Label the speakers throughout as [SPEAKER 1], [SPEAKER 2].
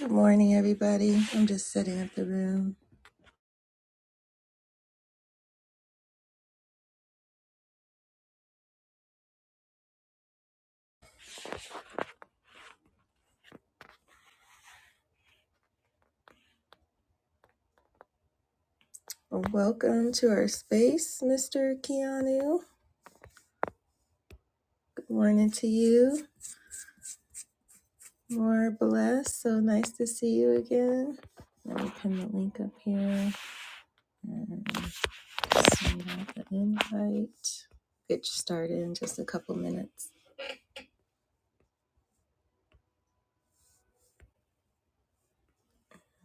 [SPEAKER 1] Good morning, everybody. I'm just setting up the room. Well, Welcome to our space, Mr. Keanu. Good morning to you. More blessed. So nice to see you again. Let me pin the link up here and send out the invite. Get you started in just a couple minutes.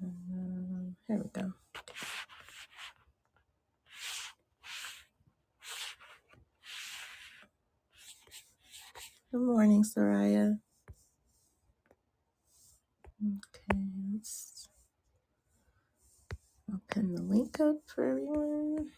[SPEAKER 1] Um, here we go. Good morning, Soraya. Okay, let's, I'll pin the link up for everyone.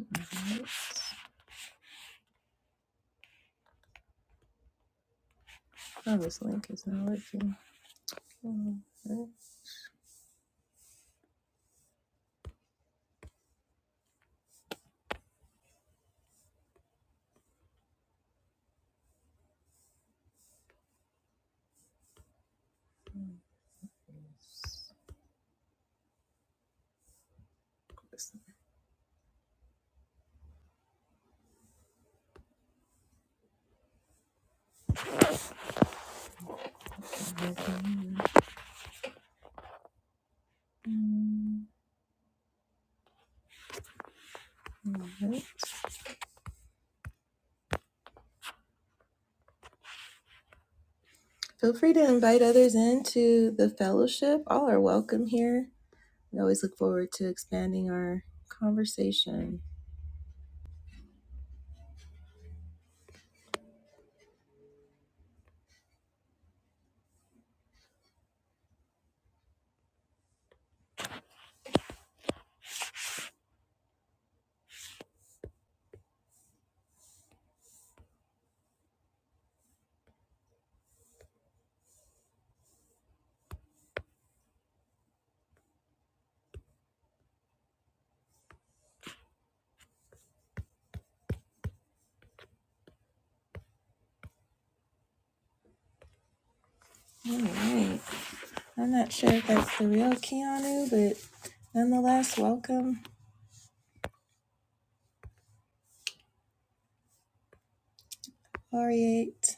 [SPEAKER 1] All right. Oh, this link is not working. Mm-hmm. Feel free to invite others into the fellowship. All are welcome here. We always look forward to expanding our conversation. All right. I'm not sure if that's the real Keanu, but nonetheless, welcome, Laureate.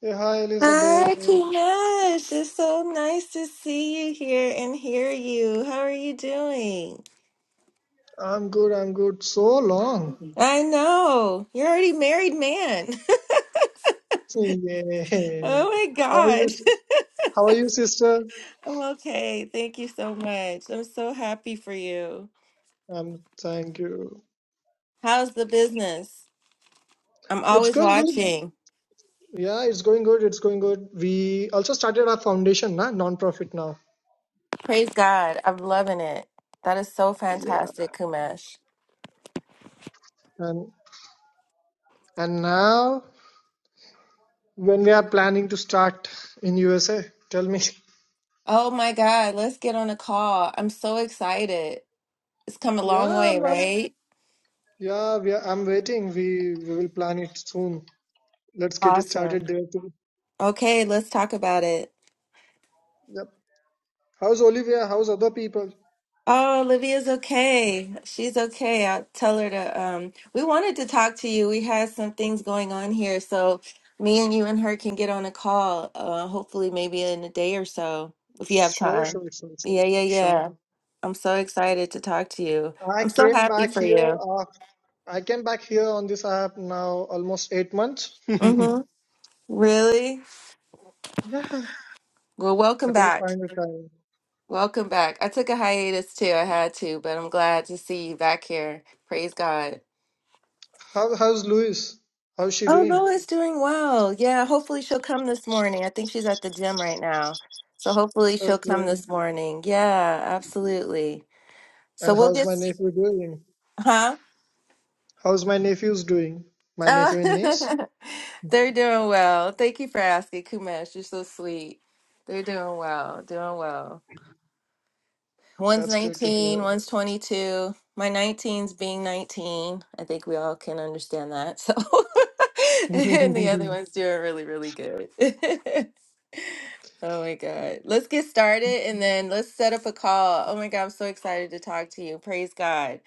[SPEAKER 2] Hey, hi Elizabeth.
[SPEAKER 1] Hi, Kumash. It's so nice to see you here and hear you. How are you doing?
[SPEAKER 2] I'm good, I'm good. So long.
[SPEAKER 1] I know. You're already married man.
[SPEAKER 2] Yeah.
[SPEAKER 1] Oh my
[SPEAKER 2] How are you?
[SPEAKER 1] God.
[SPEAKER 2] How are you, sister?
[SPEAKER 1] I'm okay. Thank you so much. I'm so happy for you.
[SPEAKER 2] Um, thank you.
[SPEAKER 1] How's the business? I'm
[SPEAKER 2] It's
[SPEAKER 1] always
[SPEAKER 2] going good.
[SPEAKER 1] watching.
[SPEAKER 2] Yeah, it's going good. It's going good. We also started our foundation, na, non-profit now.
[SPEAKER 1] Praise God. I'm loving it. That is so
[SPEAKER 2] Yeah.
[SPEAKER 1] fantastic, Kumash.
[SPEAKER 2] And and now when we are planning to start in USA, tell me.
[SPEAKER 1] Oh my God. Let's get on a call. I'm so excited. It's come a long
[SPEAKER 2] Yeah,
[SPEAKER 1] way,
[SPEAKER 2] I'm, I'm-
[SPEAKER 1] right?
[SPEAKER 2] yeah, we are, I'm waiting. We we will plan it soon. Let's get it
[SPEAKER 1] Awesome.
[SPEAKER 2] started there too.
[SPEAKER 1] Okay, let's talk about it.
[SPEAKER 2] Yep. How's Olivia? How's other people?
[SPEAKER 1] Oh, Olivia's okay. She's okay. I'll tell her to um we wanted to talk to you. We had some things going on here, so me and you and her can get on a call, uh hopefully maybe in a day or so if you have
[SPEAKER 2] Sure,
[SPEAKER 1] time.
[SPEAKER 2] sure, sure, sure,
[SPEAKER 1] Yeah, yeah,
[SPEAKER 2] sure.
[SPEAKER 1] yeah. I'm so excited to talk to you.
[SPEAKER 2] I
[SPEAKER 1] I'm so
[SPEAKER 2] came
[SPEAKER 1] happy
[SPEAKER 2] back
[SPEAKER 1] for
[SPEAKER 2] here.
[SPEAKER 1] you.
[SPEAKER 2] Uh, I came back here on this app now almost eight months.
[SPEAKER 1] Mm-hmm. Really?
[SPEAKER 2] Yeah,
[SPEAKER 1] Well, welcome
[SPEAKER 2] I couldn't
[SPEAKER 1] back.
[SPEAKER 2] find the time.
[SPEAKER 1] Welcome back. I took a hiatus too. I had to, but I'm glad to see you back here. Praise God.
[SPEAKER 2] How how's Louis? How's she
[SPEAKER 1] Oh,
[SPEAKER 2] doing?
[SPEAKER 1] Noah's doing well. Yeah, hopefully she'll come this morning. I think she's at the gym right now. So hopefully she'll come
[SPEAKER 2] Okay.
[SPEAKER 1] this morning. Yeah, absolutely. So
[SPEAKER 2] And
[SPEAKER 1] we'll
[SPEAKER 2] how's
[SPEAKER 1] get,
[SPEAKER 2] my nephew doing?
[SPEAKER 1] huh?
[SPEAKER 2] How's my nephews doing? My
[SPEAKER 1] Uh,
[SPEAKER 2] nephew and niece?
[SPEAKER 1] they're doing well. Thank you for asking, Kumesh. You're so sweet. They're doing well, doing well. One's
[SPEAKER 2] That's great to
[SPEAKER 1] 19,
[SPEAKER 2] hear.
[SPEAKER 1] one's 22. My nineteen's being 19. I think we all can understand that. So, and the other one's doing really, really good. Oh my God. Let's get started and then let's set up a call. Oh my God, I'm so excited to talk to you. Praise God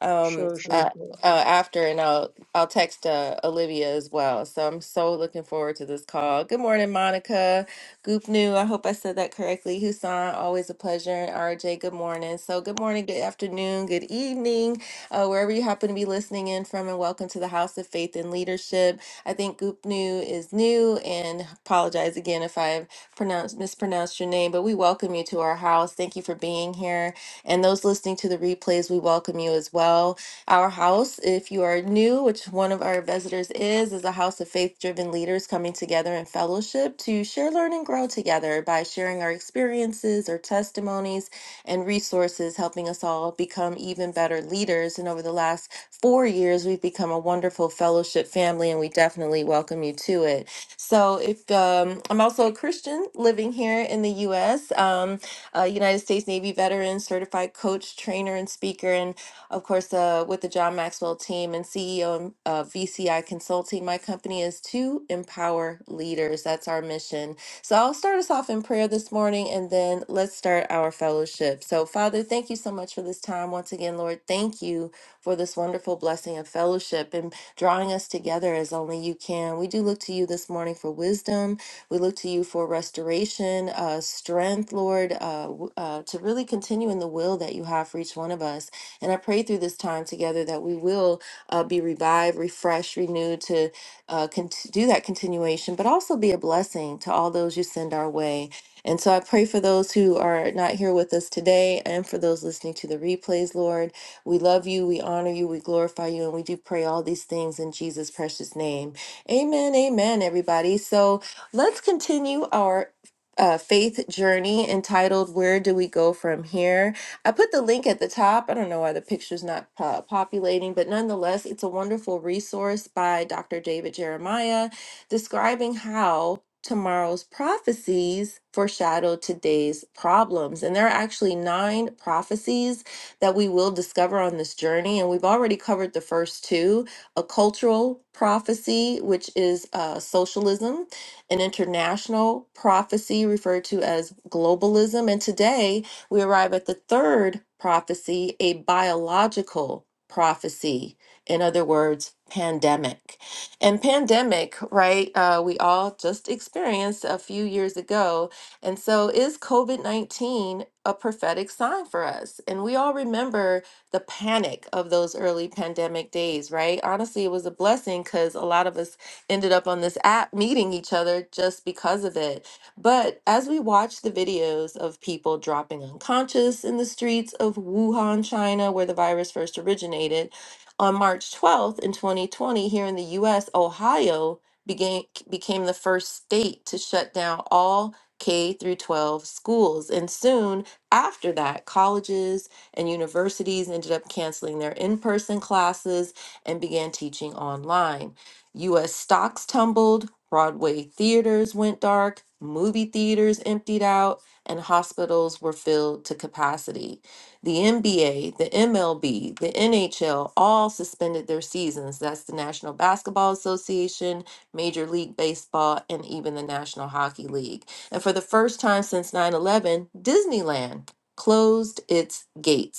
[SPEAKER 1] um
[SPEAKER 2] Sure, sure,
[SPEAKER 1] uh,
[SPEAKER 2] sure.
[SPEAKER 1] uh, after and I'll I'll text uh, Olivia as well. So I'm so looking forward to this call. Good morning, Monica. Goop New. I hope I said that correctly. Husan, always a pleasure. And RJ, good morning. So good morning, good afternoon, good evening, uh, wherever you happen to be listening in from, and welcome to the House of Faith and Leadership. I think Goop New is new, and apologize again if I've pronounced mispronounced your name, but we welcome you to our house. Thank you for being here. And those listening to the replays, we welcome you as well. Our house, if you are new, which one of our visitors is, is a house of faith driven leaders coming together in fellowship to share, learn, and grow together by sharing our experiences, our testimonies, and resources, helping us all become even better leaders. And over the last four years, we've become a wonderful fellowship family, and we definitely welcome you to it. So, if um, I'm also a Christian living here in the U.S., um, uh, United States Navy veteran, certified coach, trainer, and speaker, and of course, uh, with the John Maxwell team and CEO of VCI Consulting. My company is to empower leaders. That's our mission. So I'll start us off in prayer this morning and then let's start our fellowship. So, Father, thank you so much for this time. Once again, Lord, thank you for this wonderful blessing of fellowship and drawing us together as only you can. We do look to you this morning for wisdom we look to you for restoration, uh, strength, Lord, uh, w- uh, to really continue in the will that you have for each one of us. And I pray through this time together that we will uh, be revived, refreshed, renewed to uh, cont- do that continuation, but also be a blessing to all those you send our way. And so I pray for those who are not here with us today and for those listening to the replays, Lord. We love you, we honor you, we glorify you, and we do pray all these things in Jesus' precious name. Amen, amen, everybody. So, Let's continue our uh, faith journey entitled Where Do We Go From Here? I put the link at the top. I don't know why the picture's not po- populating, but nonetheless, it's a wonderful resource by Dr. David Jeremiah describing how tomorrow's prophecies foreshadow today's problems. And there are actually nine prophecies that we will discover on this journey. And we've already covered the first two a cultural prophecy, which is uh, socialism an international prophecy referred to as globalism. And today we arrive at the third prophecy, a biological prophecy. In other words, pandemic. And pandemic, right, uh, we all just experienced a few years ago. And so is COVID 19 a prophetic sign for us? And we all remember the panic of those early pandemic days, right? Honestly, it was a blessing because a lot of us ended up on this app meeting each other just because of it. But as we watch the videos of people dropping unconscious in the streets of Wuhan, China, where the virus first originated, on March 12th in 2020, here in the US, Ohio began, became the first state to shut down all K through 12 schools. And soon after that, colleges and universities ended up canceling their in person classes and began teaching online. US stocks tumbled, Broadway theaters went dark, movie theaters emptied out, and hospitals were filled to capacity. The NBA, the MLB, the NHL all suspended their seasons. That's the National Basketball Association, Major League Baseball, and even the National Hockey League. And for the first time since 9 11, Disneyland closed its gates.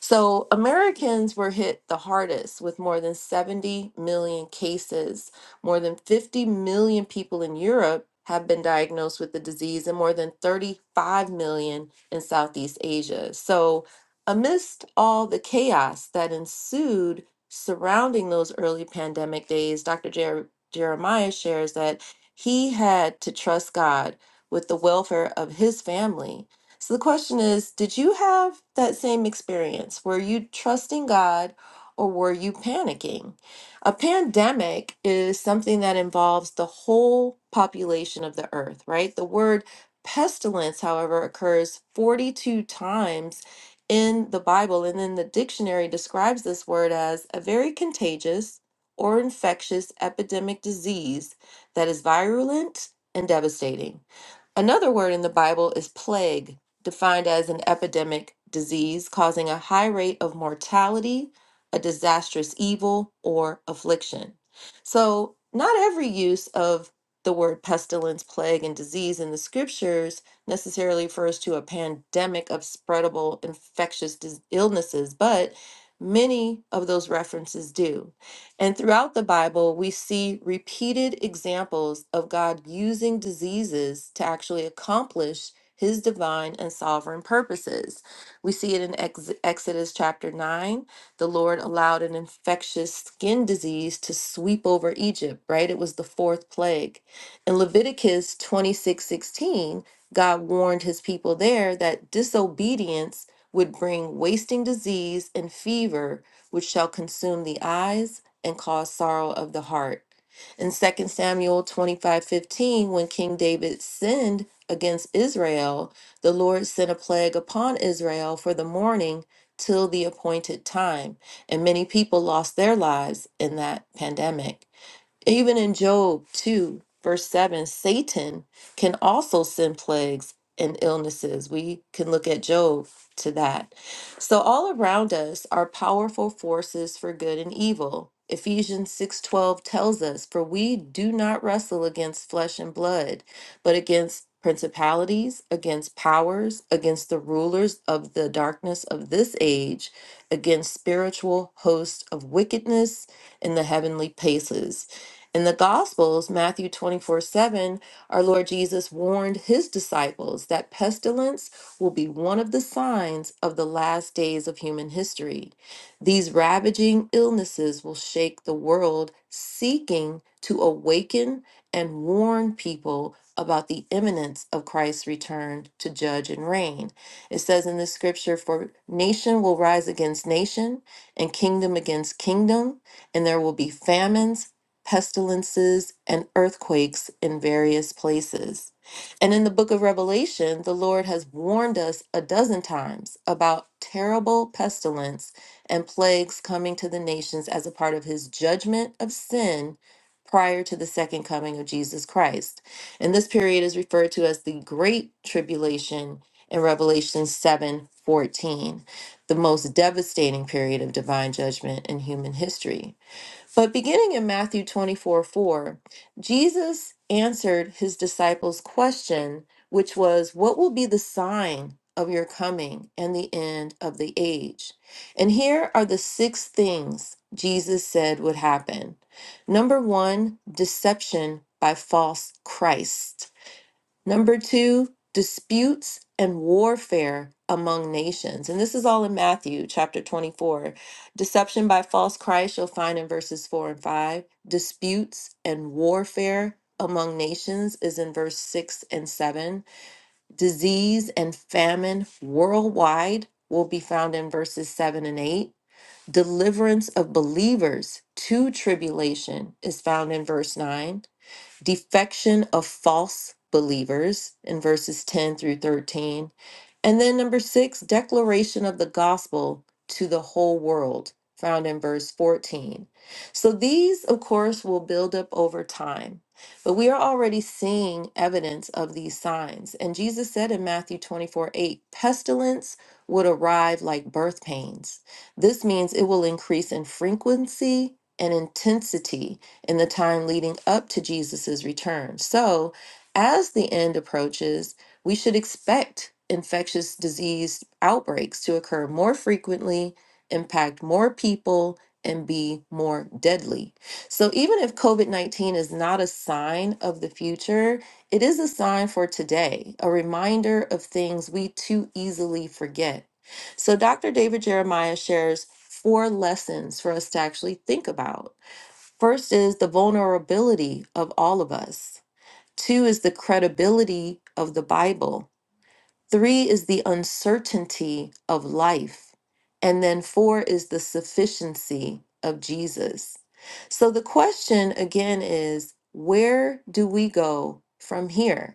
[SPEAKER 1] So, Americans were hit the hardest with more than 70 million cases. More than 50 million people in Europe have been diagnosed with the disease, and more than 35 million in Southeast Asia. So, amidst all the chaos that ensued surrounding those early pandemic days, Dr. Jer- Jeremiah shares that he had to trust God with the welfare of his family so the question is, did you have that same experience? Were you trusting God or were you panicking? A pandemic is something that involves the whole population of the earth, right? The word pestilence, however, occurs 42 times in the Bible, and then the dictionary describes this word as a very contagious or infectious epidemic disease that is virulent and devastating. Another word in the Bible is plague, defined as an epidemic disease causing a high rate of mortality, a disastrous evil, or affliction. So, not every use of the word pestilence, plague, and disease in the scriptures necessarily refers to a pandemic of spreadable infectious dis- illnesses, but many of those references do. And throughout the Bible, we see repeated examples of God using diseases to actually accomplish his divine and sovereign purposes. We see it in Ex- Exodus chapter 9. The Lord allowed an infectious skin disease to sweep over Egypt, right? It was the fourth plague. In Leviticus 26 16, God warned his people there that disobedience would bring wasting disease and fever, which shall consume the eyes and cause sorrow of the heart. In Second Samuel 25 15, when King David sinned against Israel, the Lord sent a plague upon Israel for the morning till the appointed time, and many people lost their lives in that pandemic. Even in Job 2, verse 7, Satan can also send plagues and illnesses. We can look at Job to that. So all around us are powerful forces for good and evil. Ephesians 6:12 tells us, "For we do not wrestle against flesh and blood, but against principalities, against powers, against the rulers of the darkness of this age, against spiritual hosts of wickedness in the heavenly places." In the Gospels, Matthew 24 7, our Lord Jesus warned his disciples that pestilence will be one of the signs of the last days of human history. These ravaging illnesses will shake the world, seeking to awaken and warn people about the imminence of Christ's return to judge and reign. It says in the scripture, For nation will rise against nation, and kingdom against kingdom, and there will be famines pestilences, and earthquakes in various places. And in the book of Revelation, the Lord has warned us a dozen times about terrible pestilence and plagues coming to the nations as a part of his judgment of sin prior to the second coming of Jesus Christ. And this period is referred to as the Great Tribulation in Revelation 7 14, the most devastating period of divine judgment in human history. But beginning in Matthew 24 4, Jesus answered his disciples' question, which was, What will be the sign of your coming and the end of the age? And here are the six things Jesus said would happen. Number one, deception by false Christ. Number two, disputes and warfare among nations. And this is all in Matthew chapter 24. Deception by false Christ you'll find in verses four and five. Disputes and warfare among nations is in verse six and seven. Disease and famine worldwide will be found in verses seven and eight. Deliverance of believers to tribulation is found in verse 9 defection of false believers in verses 10 through 13. And then number six, declaration of the gospel to the whole world, found in verse 14. So these, of course, will build up over time. But we are already seeing evidence of these signs. And Jesus said in Matthew 24 8, pestilence would arrive like birth pains. This means it will increase in frequency and intensity in the time leading up to Jesus' return. So, as the end approaches, we should expect infectious disease outbreaks to occur more frequently, impact more people, and be more deadly. So, even if COVID 19 is not a sign of the future, it is a sign for today, a reminder of things we too easily forget. So, Dr. David Jeremiah shares four lessons for us to actually think about. First is the vulnerability of all of us. Two is the credibility of the Bible. Three is the uncertainty of life. And then four is the sufficiency of Jesus. So the question again is where do we go from here?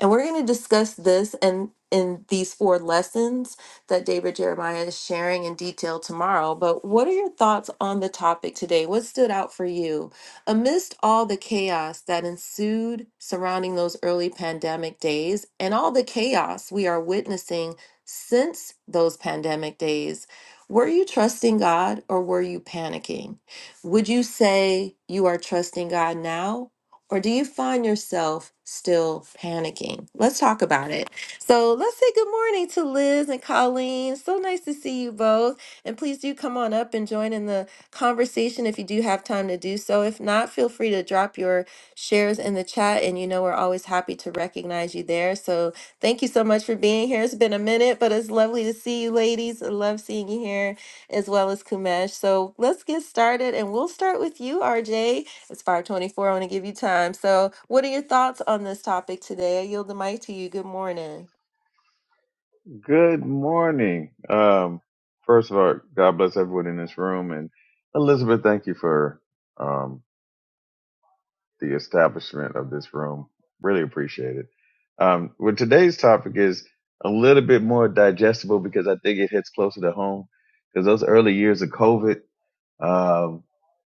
[SPEAKER 1] And we're going to discuss this and in these four lessons that David Jeremiah is sharing in detail tomorrow. But what are your thoughts on the topic today? What stood out for you? Amidst all the chaos that ensued surrounding those early pandemic days and all the chaos we are witnessing since those pandemic days, were you trusting God or were you panicking? Would you say you are trusting God now or do you find yourself still panicking? Let's talk about it. So let's say good morning to Liz and Colleen. So nice to see you both. And please do come on up and join in the conversation if you do have time to do so. If not, feel free to drop your shares in the chat. And you know, we're always happy to recognize you there. So thank you so much for being here. It's been a minute, but it's lovely to see you, ladies. I love seeing you here as well as Kumesh. So let's get started. And we'll start with you, RJ. It's 524. I want to give you time. So, what are your thoughts on this topic today? I yield the mic to you. Good morning.
[SPEAKER 3] Good morning. Um, first of all, God bless everyone in this room. And Elizabeth, thank you for um, the establishment of this room. Really appreciate it. Um, well, today's topic is a little bit more digestible because I think it hits closer to home. Because those early years of COVID, um,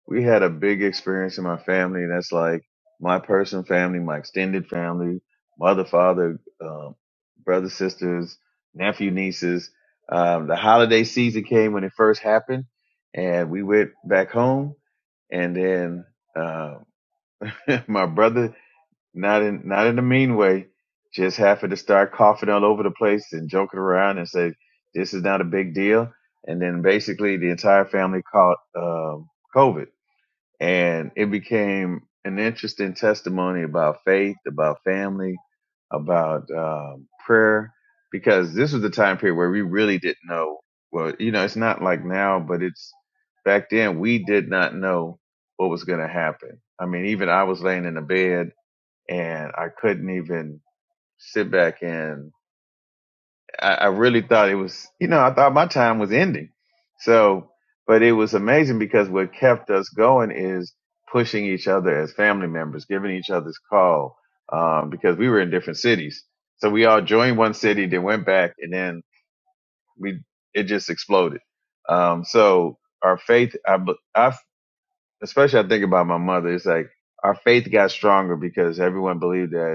[SPEAKER 3] we had a big experience in my family, and that's like my person family, my extended family, mother, father, um, brother, sisters, nephew, nieces. Um, the holiday season came when it first happened, and we went back home. And then uh, my brother, not in not in a mean way, just happened to start coughing all over the place and joking around and say, "This is not a big deal." And then basically the entire family caught um, COVID and it became an interesting testimony about faith, about family, about um, prayer, because this was the time period where we really didn't know. Well, you know, it's not like now, but it's back then we did not know what was going to happen. I mean, even I was laying in the bed and I couldn't even sit back and I, I really thought it was, you know, I thought my time was ending. So, but it was amazing because what kept us going is pushing each other as family members, giving each other's call, um, because we were in different cities. So we all joined one city, then went back, and then we it just exploded. Um, so our faith, I, be- I especially I think about my mother. It's like our faith got stronger because everyone believed that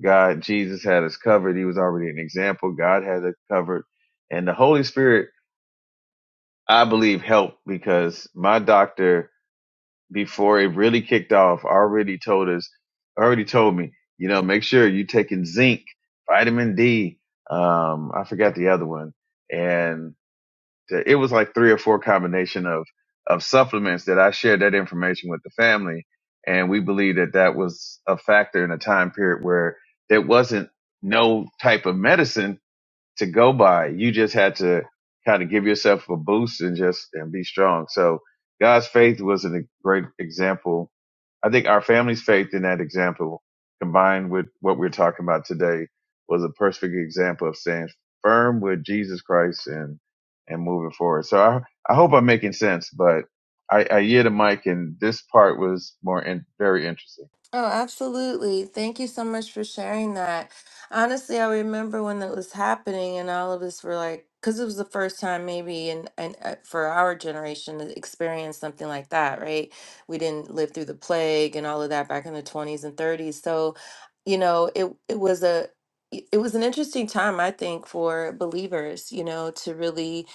[SPEAKER 3] God, Jesus had us covered. He was already an example. God had us covered. And the Holy Spirit, I believe, helped because my doctor, before it really kicked off, already told us, already told me, you know, make sure you're taking zinc, vitamin D. Um, I forgot the other one. And it was like three or four combination of of supplements that I shared that information with the family, and we believe that that was a factor in a time period where there wasn't no type of medicine to go by. You just had to kind of give yourself a boost and just and be strong. So God's faith was a great example. I think our family's faith in that example, combined with what we're talking about today, was a perfect example of staying firm with Jesus Christ and and moving forward. So I I hope I'm making sense, but I, I hear the mic, and this part was more in, very interesting.
[SPEAKER 1] Oh, absolutely. Thank you so much for sharing that. Honestly, I remember when that was happening, and all of us were like, because it was the first time, maybe, and and uh, for our generation to experience something like that, right? We didn't live through the plague and all of that back in the 20s and 30s. So, you know, it it was a it it was an interesting time, I think, for believers, you know, to really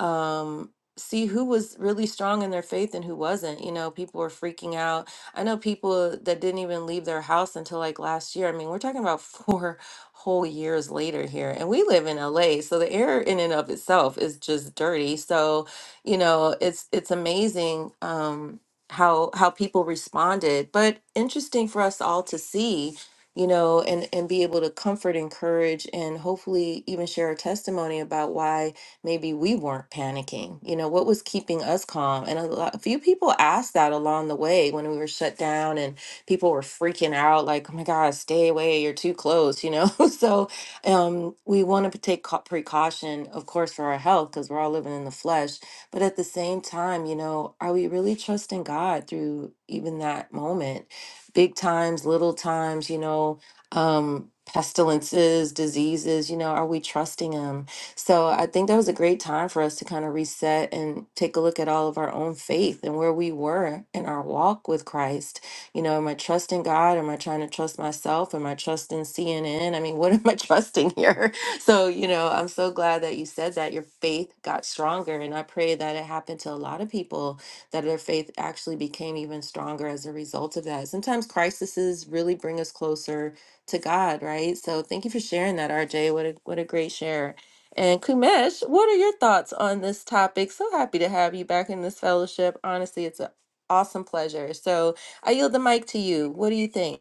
[SPEAKER 1] um see who was really strong in their faith and who wasn't. You know, people were freaking out I know people that didn't even leave their house until like last year. I mean, we're talking about four whole years later here, and we live in LA, so the air in and of itself is just dirty. So, you know, it's it's amazing um, how how people responded, but interesting for us all to see. You know, and and be able to comfort, encourage, and hopefully even share a testimony about why maybe we weren't panicking. You know, what was keeping us calm? And a, lot, a few people asked that along the way when we were shut down and people were freaking out, like, oh my God, stay away, you're too close, you know? so um, we want to take cau- precaution, of course, for our health because we're all living in the flesh. But at the same time, you know, are we really trusting God through even that moment? Big times, little times, you know, um, pestilences, diseases, you know, are we trusting Him? So I think that was a great time for us to kind of reset and take a look at all of our own faith and where we were in our walk with Christ. You know, am I trusting God? Am I trying to trust myself? Am I trusting CNN? I mean, what am I trusting here? So, you know, I'm so glad that you said that your faith got stronger. And I pray that it happened to a lot of people that their faith actually became even stronger as a result of that. Sometimes crises really bring us closer to God, right? So thank you for sharing that, RJ. What a what a great share. And Kumesh, what are your thoughts on this topic? So happy to have you back in this fellowship. Honestly, it's an awesome pleasure. So I yield the mic to you. What do you think?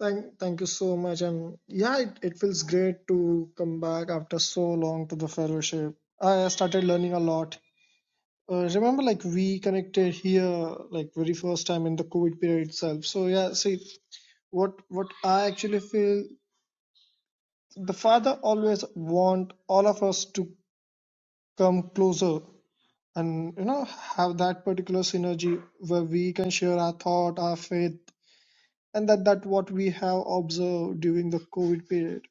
[SPEAKER 2] Thank, thank you so much. And yeah, it, it feels great to come back after so long to the fellowship. I started learning a lot. Uh, remember, like we connected here, like very first time in the COVID period itself. So yeah, see what what I actually feel. The father always want all of us to come closer and you know have that particular synergy where we can share our thought, our faith, and that that what we have observed during the COVID period.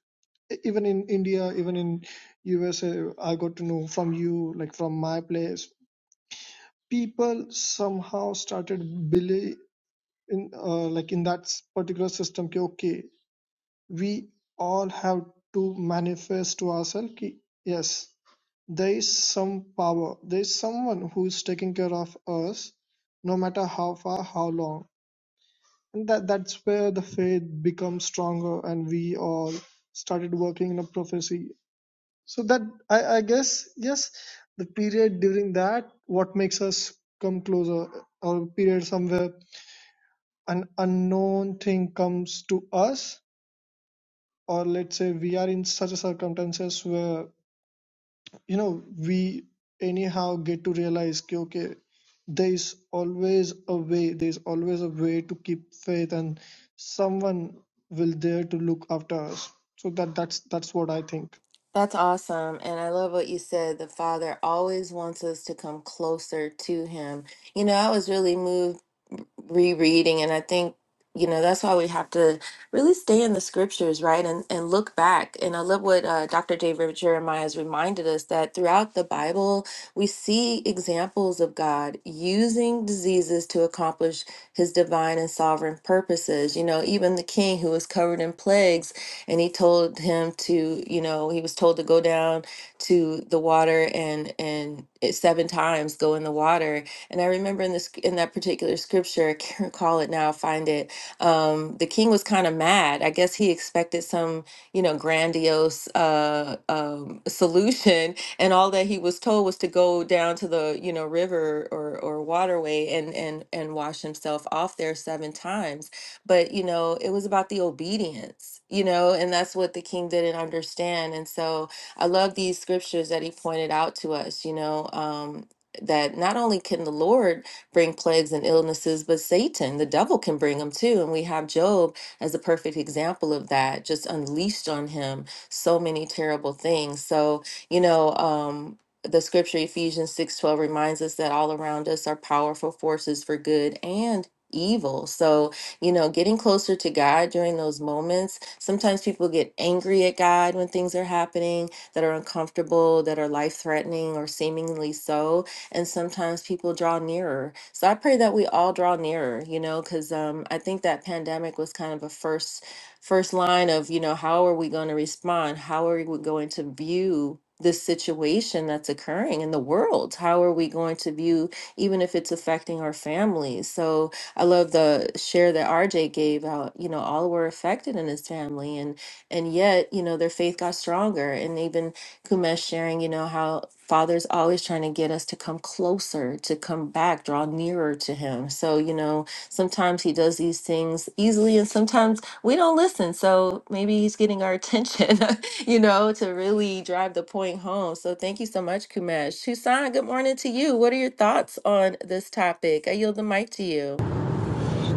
[SPEAKER 2] E- Even in India, even in USA, I got to know from you, like from my place, people somehow started believe. in uh, like in that s- particular system कि okay we all have to manifest to ourselves कि yes there is some power there is someone who is taking care of us no matter how far how long and that that's where the faith becomes stronger and we all started working in a prophecy so that I, I guess yes the period during that what makes us come closer or period somewhere an unknown thing comes to us or let's say we are in such a circumstances where you know we anyhow get to realize ki, okay there is always a way there is always a way to keep faith and someone will there to look after us so that that's that's what i think
[SPEAKER 1] That's awesome. And I love what you said. The Father always wants us to come closer to Him. You know, I was really moved rereading and i think you know that's why we have to really stay in the scriptures right and and look back and i love what uh, dr david jeremiah has reminded us that throughout the bible we see examples of god using diseases to accomplish his divine and sovereign purposes you know even the king who was covered in plagues and he told him to you know he was told to go down to the water and and it seven times go in the water and I remember in this in that particular scripture, I can't recall it now, find it. Um, the king was kind of mad. I guess he expected some, you know, grandiose uh, um, solution, and all that he was told was to go down to the, you know, river or or waterway and and and wash himself off there seven times. But you know, it was about the obedience, you know, and that's what the king didn't understand. And so I love these scriptures that he pointed out to us, you know. Um, that not only can the Lord bring plagues and illnesses, but Satan, the devil, can bring them too. And we have Job as a perfect example of that, just unleashed on him so many terrible things. So, you know, um, the scripture Ephesians 6:12 reminds us that all around us are powerful forces for good and evil. So, you know, getting closer to God during those moments. Sometimes people get angry at God when things are happening that are uncomfortable, that are life-threatening or seemingly so and sometimes people draw nearer. So I pray that we all draw nearer, you know, because um, I think that pandemic was kind of a first first line of, you know, how are we going to respond? How are we going to view this situation that's occurring in the world? How are we going to view, even if it's affecting our families? So I love the share that RJ gave out, you know, all were affected in his family and and yet, you know, their faith got stronger. And even Kumesh sharing, you know, how Father's always trying to get us to come closer, to come back, draw nearer to Him. So, you know, sometimes He does these things easily and sometimes we don't listen. So maybe He's getting our attention, you know, to really drive the point home. So thank you so much, Kumesh. Susan, good morning to you. What are your thoughts on this topic? I yield the mic to you.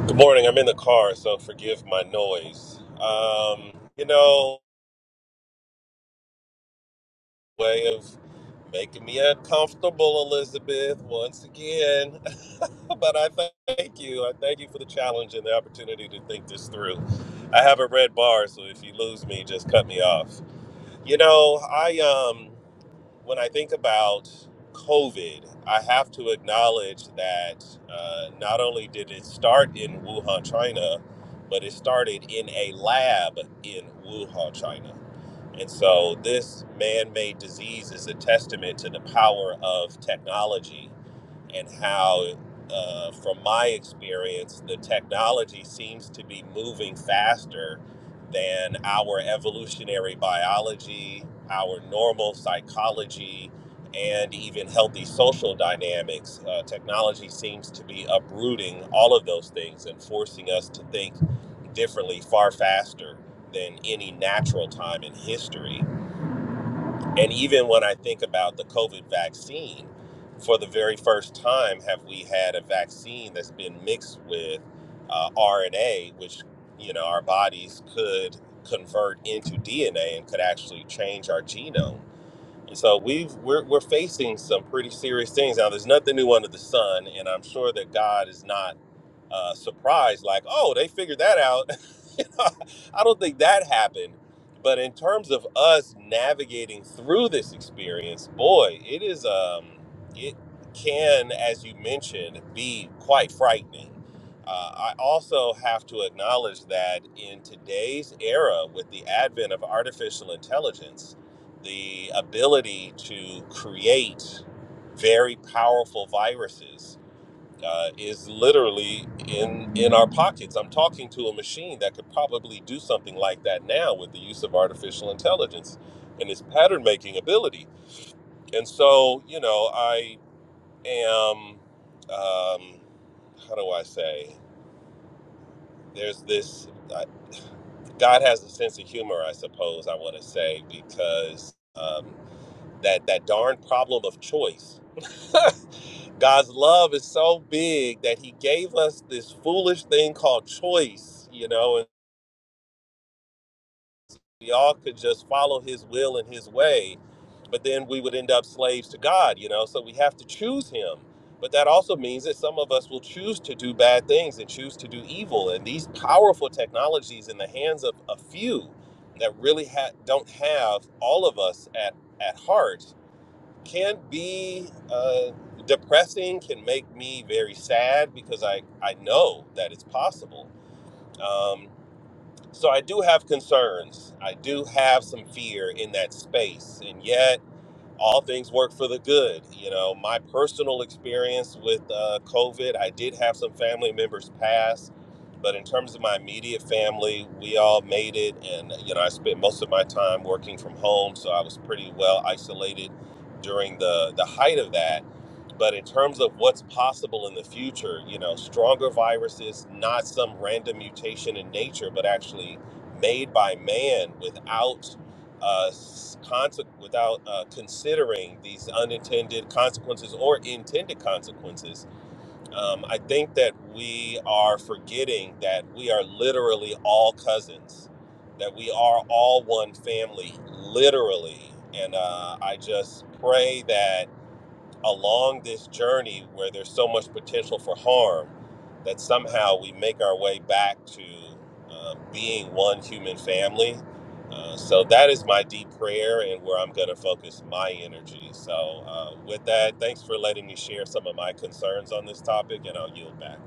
[SPEAKER 4] Good morning. I'm in the car, so forgive my noise. Um, you know, way of making me uncomfortable, Elizabeth, once again. but I thank you. I thank you for the challenge and the opportunity to think this through. I have a red bar, so if you lose me, just cut me off. You know, I um when I think about COVID, I have to acknowledge that uh, not only did it start in Wuhan, China, but it started in a lab in Wuhan, China. And so this man made disease is a testament to the power of technology and how, uh, from my experience, the technology seems to be moving faster than our evolutionary biology, our normal psychology, and even healthy social dynamics. Uh, technology seems to be uprooting all of those things and forcing us to think differently far faster than any natural time in history. And even when I think about the COVID vaccine, for the very first time, have we had a vaccine that's been mixed with uh, RNA, which you know our bodies could convert into DNA and could actually change our genome. And so we've we're, we're facing some pretty serious things now. There's nothing new under the sun, and I'm sure that God is not uh, surprised, like, oh, they figured that out. You know, I don't think that happened. But in terms of us navigating through this experience, boy, it is, um, it can, as you mentioned, be quite frightening. Uh, I also have to acknowledge that in today's era, with the advent of artificial intelligence, the ability to create very powerful viruses uh, is literally in in our pockets. I'm talking to a machine that could probably do something like that now with the use of artificial intelligence and its pattern making ability. And so, you know, I am. Um, how do I say? There's this. I God has a sense of humor, I suppose. I want to say because um, that that darn problem of choice God's love is so big that He gave us this foolish thing called choice, you know, and we all could just follow His will and His way, but then we would end up slaves to God, you know, so we have to choose Him. But that also means that some of us will choose to do bad things and choose to do evil. And these powerful technologies in the hands of a few that really ha- don't have all of us at, at heart can be uh, depressing, can make me very sad because I, I know that it's possible. Um, so I do have concerns. I do have some fear in that space. And yet, all things work for the good. You know, my personal experience with uh, COVID, I did have some family members pass, but in terms of my immediate family, we all made it. And, you know, I spent most of my time working from home, so I was pretty well isolated during the, the height of that. But in terms of what's possible in the future, you know, stronger viruses, not some random mutation in nature, but actually made by man without uh, conse- without uh, considering these unintended consequences or intended consequences, um, I think that we are forgetting that we are literally all cousins, that we are all one family, literally. And uh, I just pray that along this journey where there's so much potential for harm that somehow we make our way back to uh, being one human family. Uh, so that is my deep prayer and where I'm going to focus my energy. So, uh, with that, thanks for letting me share some of my concerns on this topic, and I'll yield back.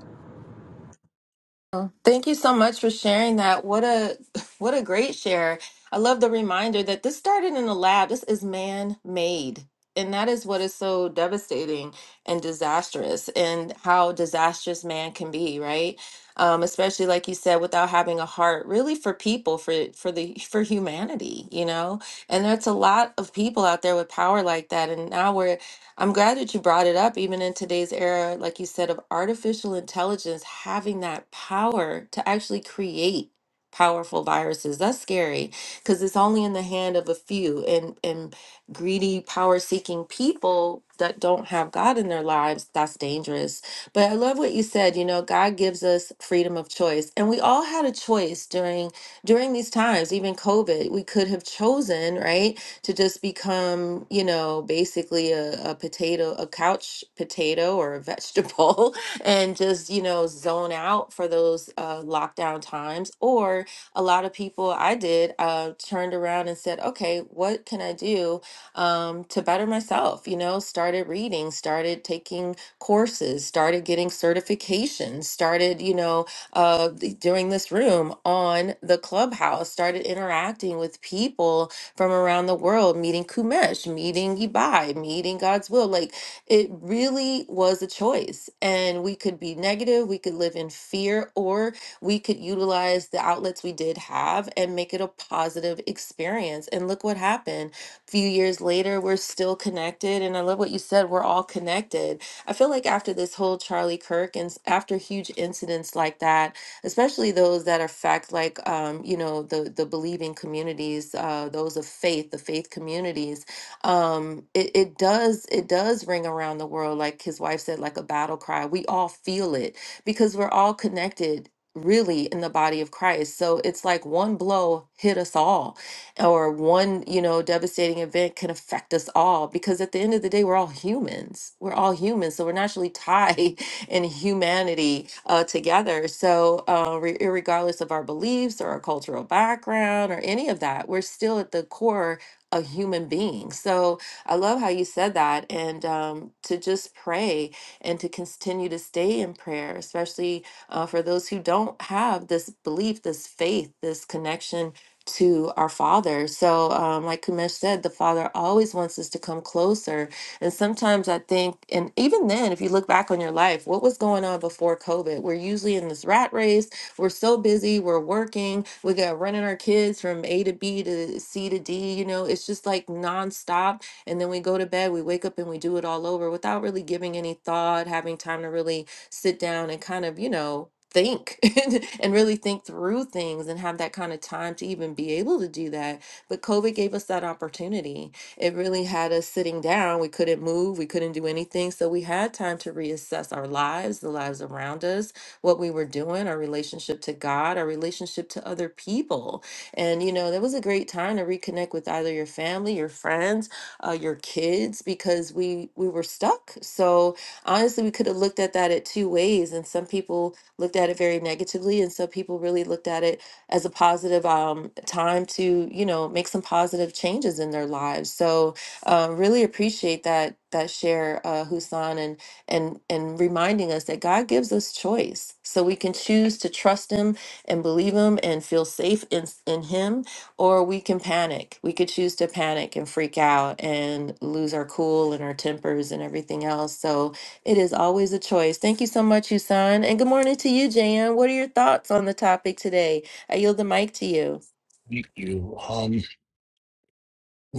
[SPEAKER 1] Oh, Thank you so much for sharing that. What a what a great share. I love the reminder that this started in a lab. This is man-made. And that is what is so devastating and disastrous and how disastrous man can be, right? Um, especially like you said, without having a heart really for people, for for the for humanity, you know? And there's a lot of people out there with power like that. And now we're I'm glad that you brought it up, even in today's era, like you said, of artificial intelligence having that power to actually create powerful viruses. That's scary because it's only in the hand of a few and, and greedy, power seeking people that don't have God in their lives. That's dangerous. But I love what you said. You know, God gives us freedom of choice. And we all had a choice during during these times, even COVID. We could have chosen, right? to just become, you know, basically a, a potato, a couch potato or a vegetable, and just, you know, zone out for those uh, lockdown times. Or a lot of people I did uh, turned around and said, okay, what can I do um, to better myself? You know, started reading, started taking courses, started getting certifications, started, you know, uh, th- during this room on the clubhouse, started interacting with people from around the world, meeting Kumesh, meeting Ibai, meeting God's Will. Like it really was a choice. And we could be negative, we could live in fear, or we could utilize the outlets we did have and make it a positive experience. And look what happened. few years later, we're still connected. And I love what you said, we're all connected. I feel like after this whole Charlie Kirk and s- after huge incidents like that, especially those that are fact like um, you know the the believing communities uh, those of faith the faith communities um, it, it does it does ring around the world like his wife said like a battle cry we all feel it because we're all connected really in the body of Christ so it's like one blow hit us all or one you know devastating event can affect us all because at the end of the day we're all humans we're all humans so we're naturally tied and humanity uh, together. So, uh, re- regardless of our beliefs or our cultural background or any of that, we're still at the core a human being. So, I love how you said that, and um, to just pray and to continue to stay in prayer, especially uh, for those who don't have this belief, this faith, this connection to our Father. So, um, like Kumesh said, the Father always wants us to come closer and sometimes I think, and even then, if you look back on your life, what was going on before COVID? We're usually in this rat race. We're so busy. We're working. We got running our kids from A to B to C to D. You know, it's just like nonstop. And then we go to bed, we wake up and we do it all over without really giving any thought, having time to really sit down and kind of, you know, think and and really think through things and have that kind of time to even be able to do that. But COVID gave us that opportunity it really had us sitting down. We couldn't move, we couldn't do anything. So we had time to reassess our lives, the lives around us, what we were doing, our relationship to God, our relationship to other people. And, you know, that was a great time to reconnect with either your family, your friends, uh, your kids, because we, we were stuck. So honestly, we could have looked at that at two ways. And some people looked at it very negatively, and some people really looked at it as a positive um, time to you know make some positive changes in their lives so uh, really appreciate that that share uh, Husan and and and reminding us that God gives us choice so we can choose to trust him and believe him and feel safe in in him or we can panic we could choose to panic and freak out and lose our cool and our tempers and everything else so it is always a choice thank you so much Husan and good morning to you Jan what are your thoughts on the topic today I yield the mic to you.
[SPEAKER 5] Thank you. Um, you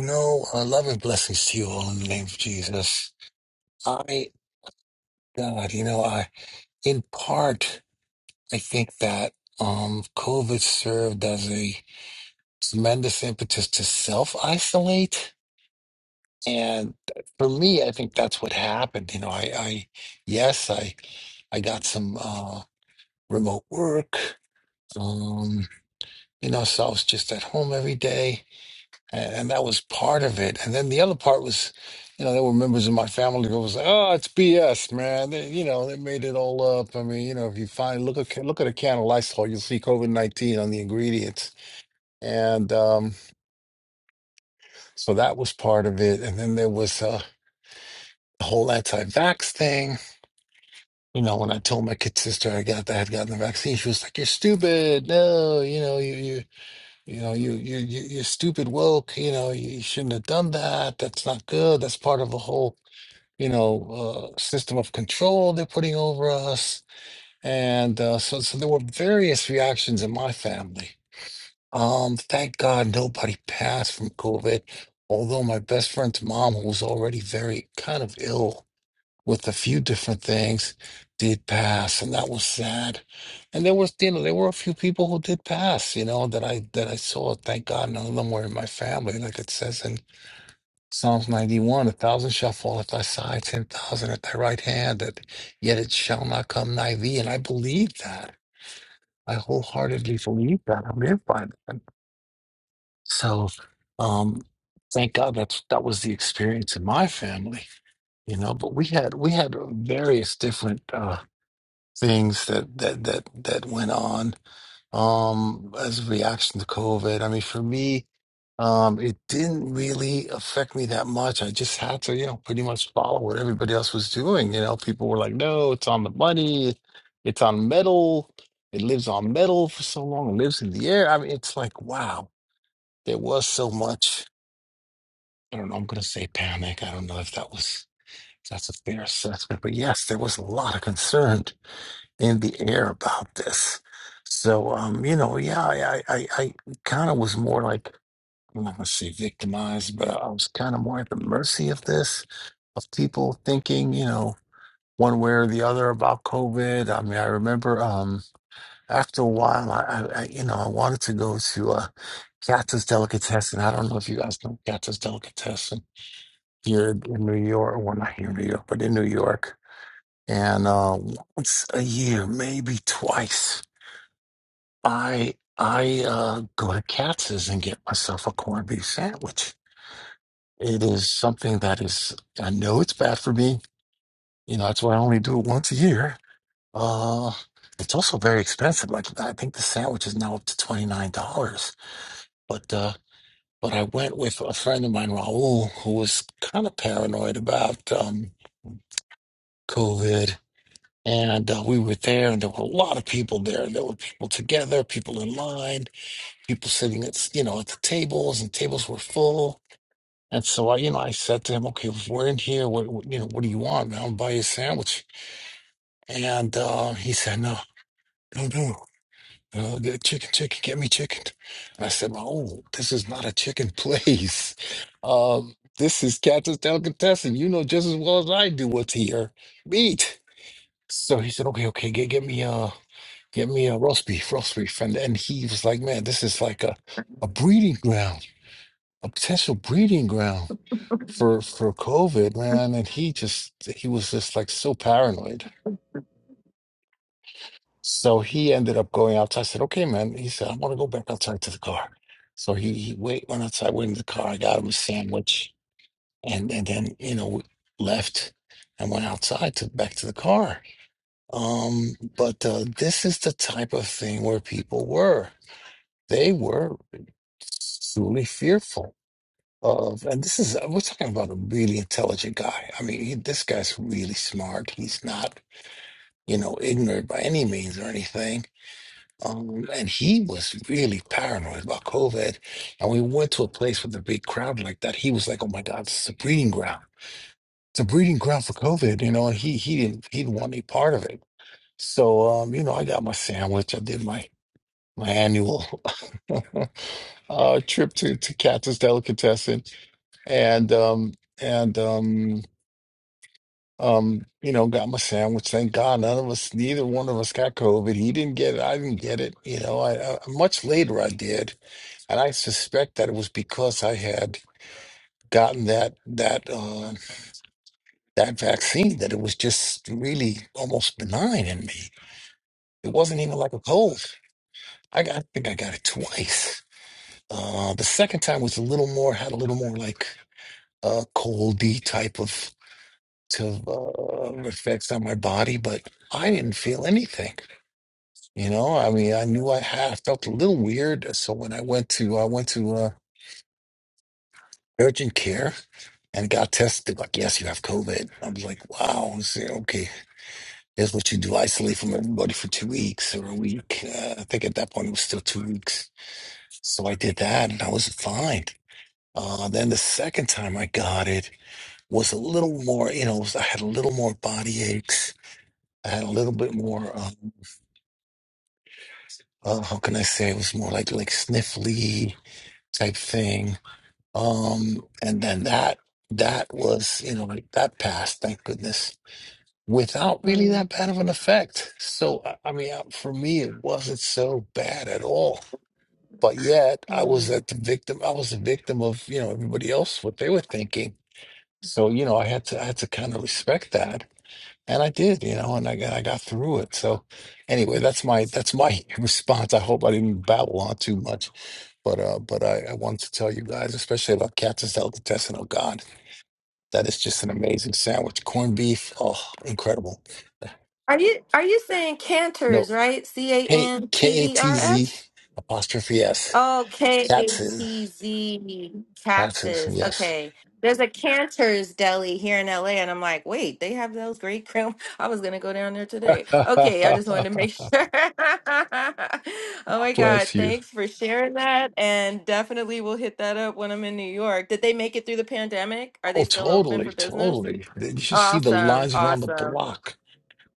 [SPEAKER 5] know, uh, love and blessings to you all in the name of Jesus. I, God, you know, I, in part, I think that, um, COVID served as a tremendous impetus to self isolate. And for me, I think that's what happened. You know, I, I, yes, I, I got some, uh, remote work. Um, you know, so I was just at home every day and, and that was part of it. And then the other part was, you know, there were members of my family who was like, "Oh, it's BS, man. They, you know, they made it all up." I mean, you know, if you find look at look at a can of Lysol, you'll see COVID nineteen on the ingredients, and um, so that was part of it. And then there was uh, the whole anti-vax thing. You know, when I told my kid sister I got that I had gotten the vaccine, she was like, "You're stupid. No, you know, you you you know, you you you- you're stupid woke. You know, you shouldn't have done that. That's not good. That's part of the whole." you know, uh, system of control they're putting over us. And uh, so, so there were various reactions in my family. Um, thank God nobody passed from COVID, although my best friend's mom, who was already very kind of ill with a few different things, did pass, and that was sad. And there was, you know, there were a few people who did pass, you know, that I that I saw. Thank God none of them were in my family, like it says in Psalms 91, a thousand shall fall at thy side, 10,000 at thy right hand, that yet it shall not come nigh thee. And I believe that. I wholeheartedly believe that. I live by that. So um, thank God that's, that was the experience in my family, you know, but we had, we had various different uh, things that, that, that, that went on um as a reaction to COVID. I mean, for me, um, it didn't really affect me that much. I just had to, you know, pretty much follow what everybody else was doing. You know, people were like, no, it's on the money, it's on metal, it lives on metal for so long, it lives in the air. I mean, it's like, wow, there was so much. I don't know, I'm gonna say panic. I don't know if that was if that's a fair assessment, but yes, there was a lot of concern in the air about this. So, um, you know, yeah, I, I, I, kind of was more like, I'm not gonna say victimized, but I was kind of more at the mercy of this, of people thinking, you know, one way or the other about COVID. I mean, I remember, um, after a while, I, I, I you know, I wanted to go to, uh, Katz's Delicatessen. I don't know if you guys know Katz's Delicatessen here in New York, well, not here in New York, but in New York. And, uh, once a year, maybe twice I I uh, go to Katz's and get myself a corned beef sandwich. It is something that is I know it's bad for me. You know that's why I only do it once a year. Uh, it's also very expensive. Like I think the sandwich is now up to twenty nine dollars. But uh, but I went with a friend of mine, Raul, who was kind of paranoid about um, COVID. And uh, we were there, and there were a lot of people there. There were people together, people in line people sitting at you know at the tables and tables were full and so I you know I said to him okay we're in here what, what you know what do you want I'll buy you a sandwich and uh, he said no no no uh, get chicken chicken get me chicken and I said oh this is not a chicken place um, this is Captain's Delicatessen you know just as well as I do what's here meat so he said okay okay get get me uh get me a roast beef roast beef and and he was like man this is like a a breeding ground a potential breeding ground for for COVID, man. And he just he was just like so paranoid. So he ended up going outside. I said, "Okay, man." He said, "I want to go back outside to the car." So he, he wait went outside, went in the car. I got him a sandwich, and and then you know left and went outside to back to the car. Um, but uh, this is the type of thing where people were. They were truly fearful of, and this is, we're talking about a really intelligent guy. I mean, he, this guy's really smart. He's not, you know, ignorant by any means or anything. Um, and he was really paranoid about COVID. And we went to a place with a big crowd like that. He was like, oh my God, this is a breeding ground. It's a breeding ground for COVID, you know, and he, he didn't, he didn't want any part of it. So, um, you know, I got my sandwich. I did my, my annual uh, trip to, to Cactus Delicatessen and um and um um you know got my sandwich thank god none of us neither one of us got covid he didn't get it i didn't get it you know I, I much later i did and i suspect that it was because i had gotten that that uh that vaccine that it was just really almost benign in me it wasn't even like a cold i, got, I think i got it twice uh the second time was a little more had a little more like a coldy type of to uh, effects on my body, but I didn't feel anything. You know, I mean, I knew I had I felt a little weird. uh, So when I went to I went to uh, urgent care and got tested, like, yes, you have COVID. I was like, wow. I said, okay, here's what you do: isolate from everybody for two weeks or a week. Uh, I think at that point it was still two weeks. So I did that, and I was fine. Uh, then the second time I got it was a little more, you know, I had a little more body aches. I had a little bit more. um, uh, how can I say it was more like like sniffly type thing. Um, and then that that was you know like that passed, thank goodness, without really
[SPEAKER 1] Mm,
[SPEAKER 5] that bad of an effect. So I, I mean, uh, for me, it wasn't so bad at all. But yet, I was
[SPEAKER 1] mm.
[SPEAKER 5] at the victim. I was a victim of you know everybody else what they were thinking. So you know, I had to I had to kind of respect that, and I did. You know, and I got I got through it. So anyway, that's my that's my response. I hope I didn't babble on too much. But uh, but I, I wanted to tell you guys, especially about Captain's Delicatessen. Oh God, that is just an amazing sandwich. Corned beef, oh, incredible.
[SPEAKER 1] Are you are you saying
[SPEAKER 5] No,
[SPEAKER 1] canters, right? C A
[SPEAKER 5] K
[SPEAKER 1] N
[SPEAKER 5] K A
[SPEAKER 1] T E
[SPEAKER 5] T
[SPEAKER 1] R
[SPEAKER 5] Z
[SPEAKER 1] S?
[SPEAKER 5] apostrophe S.
[SPEAKER 1] Oh, K A
[SPEAKER 5] That's it.
[SPEAKER 1] T Z
[SPEAKER 5] That's it.
[SPEAKER 1] Katz's.
[SPEAKER 5] Yes.
[SPEAKER 1] Okay. There's a Cantor's Deli here in LA, and I'm like, wait, they have those great cream. I was gonna go down there today. Okay, I just wanted to make sure. Oh my God,
[SPEAKER 5] Bless you.
[SPEAKER 1] thanks for sharing that, and definitely we'll hit that up when I'm in New York. Did they make it through the pandemic? Are
[SPEAKER 5] Oh,
[SPEAKER 1] they still open
[SPEAKER 5] totally,
[SPEAKER 1] for business?
[SPEAKER 5] totally. You should see the
[SPEAKER 1] Awesome.
[SPEAKER 5] lines around the
[SPEAKER 1] Awesome.
[SPEAKER 5] block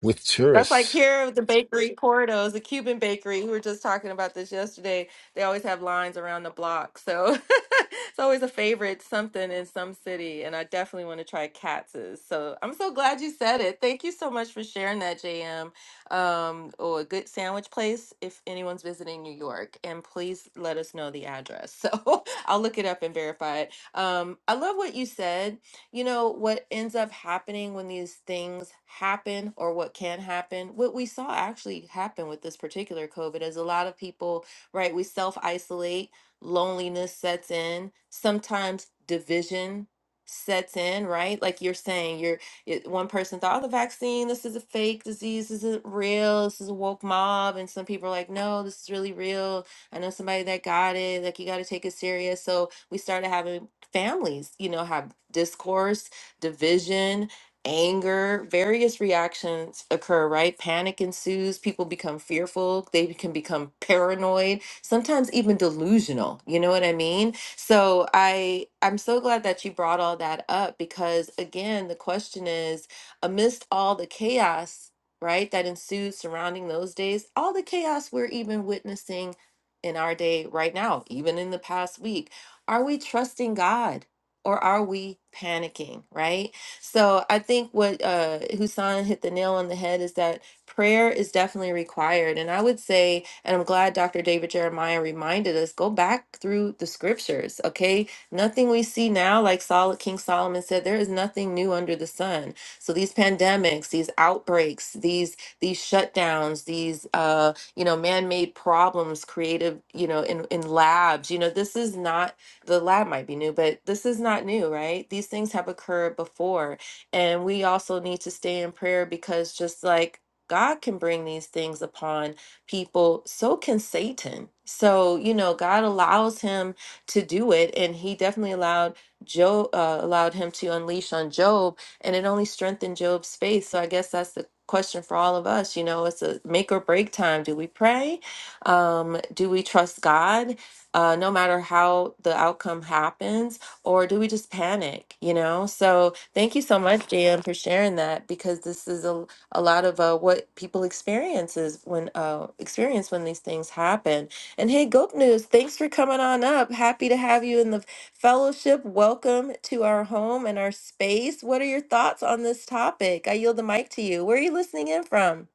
[SPEAKER 5] with
[SPEAKER 1] That's like
[SPEAKER 5] tourists.
[SPEAKER 1] here at the bakery Portos, the Cuban bakery. We were just talking about this yesterday. They always have lines around the block. So it's always a favorite something in some city. And I definitely want to try Katz's. So I'm so glad you said it. Thank you so much for sharing that, JM. Um, or a good sandwich place if anyone's visiting New York. And please let us know the address. So I'll look it up and verify it. Um, I love what you said you know, what ends up happening when these things happen, or what can happen, what we saw actually happen with this particular COVID is a lot of people, right? We self isolate, loneliness sets in, sometimes division sets in, right? Like you're saying, you're it, one person thought, oh, the vaccine, this is a fake disease, this isn't real, this is a woke mob. And some people are like, no, this is really real. I know somebody that got it, like, you got to take it serious. So we started having families, you know, have discourse, division, anger, various reactions occur, right? Panic ensues, people become fearful, they can become paranoid, sometimes even delusional. You know what I mean? So I I'm so glad that you brought all that up because again, the question is amidst all the chaos, right, that ensued surrounding those days, all the chaos we're even witnessing in our day right now, even in the past week are we trusting God or are we panicking, right? So I think what uh, Husan hit the nail on the head is that prayer is definitely required. And I would say, and I'm glad Dr. David Jeremiah reminded us go back through the scriptures, okay? Nothing we see now, like Sol- King Solomon said, there is nothing new under the sun. So these pandemics, these outbreaks, these these shutdowns, these uh, you know man-made problems created, you know, in in labs, you know, this is not the lab might be new, but this is not new, right? These things have occurred before. And we also need to stay in prayer because just like God can bring these things upon people, so can Satan. So, you know, God allows him to do it. And he definitely allowed Job, uh, allowed him to unleash on Job, and it only strengthened Job's faith. So I guess that's the question for all of us. You know, it's a make or break time. Do we pray? Um, do we trust God? uh, no matter how the outcome happens, or do we just panic? You know. So thank you so much, JM, for sharing that because this is a a lot of uh, what people experiences when uh, experience when these things happen. And hey, Goop News, thanks for coming on up. Happy to have you in the fellowship. Welcome to our home and our space. What are your thoughts on this topic? I yield the mic to you. Where are you listening in from?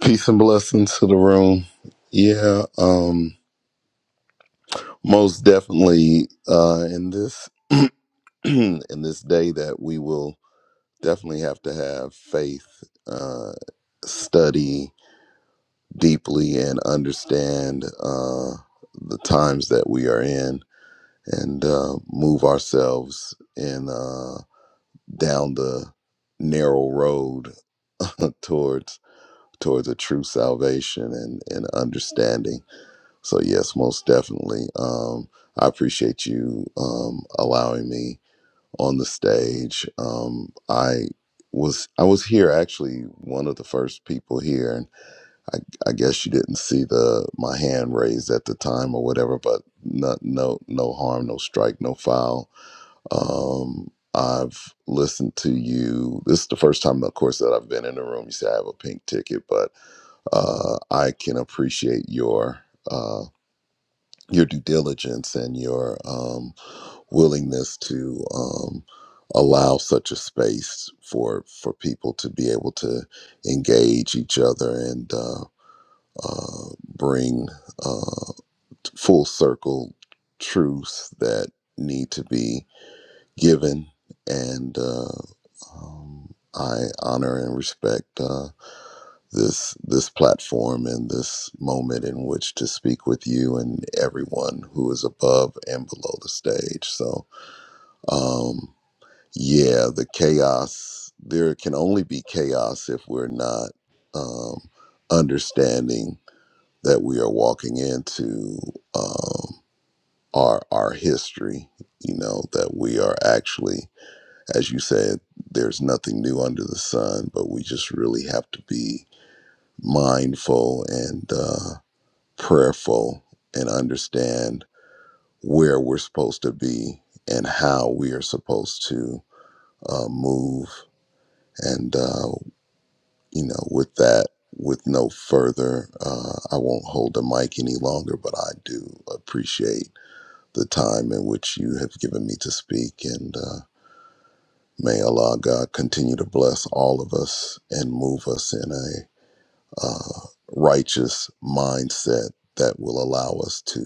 [SPEAKER 6] Peace and blessings to the room. Yeah, um, most definitely. Uh, in this in this day that we will definitely have to have faith, uh, study deeply, and understand uh, the times that we are in, and uh, move ourselves in uh, down the narrow road towards towards a true salvation and, and understanding. So yes, most definitely. Um, I appreciate you um, allowing me on the stage. Um, I was I was here actually one of the first people here, and I, I guess you didn't see the my hand raised at the time or whatever. But no no no harm, no strike, no foul. Um, I've listened to you. This is the first time, of course, that I've been in the room. You say I have a pink ticket, but uh, I can appreciate your. Uh, your due diligence and your um, willingness to um, allow such a space for for people to be able to engage each other and uh, uh, bring uh, full circle truths that need to be given and uh, um, I honor and respect. Uh, this this platform and this moment in which to speak with you and everyone who is above and below the stage. So, um, yeah, the chaos. There can only be chaos if we're not um, understanding that we are walking into um, our our history. You know that we are actually, as you said, there's nothing new under the sun, but we just really have to be mindful and uh, prayerful and understand where we're supposed to be and how we are supposed to uh, move. And, uh, you know, with that, with no further, uh, I won't hold the mic any longer, but I do appreciate the time in which you have given me to speak. And uh, may Allah God continue to bless all of us and move us in a uh, righteous mindset that will allow us to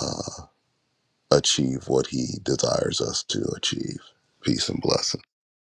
[SPEAKER 6] uh, achieve what he desires us to achieve. Peace and blessing.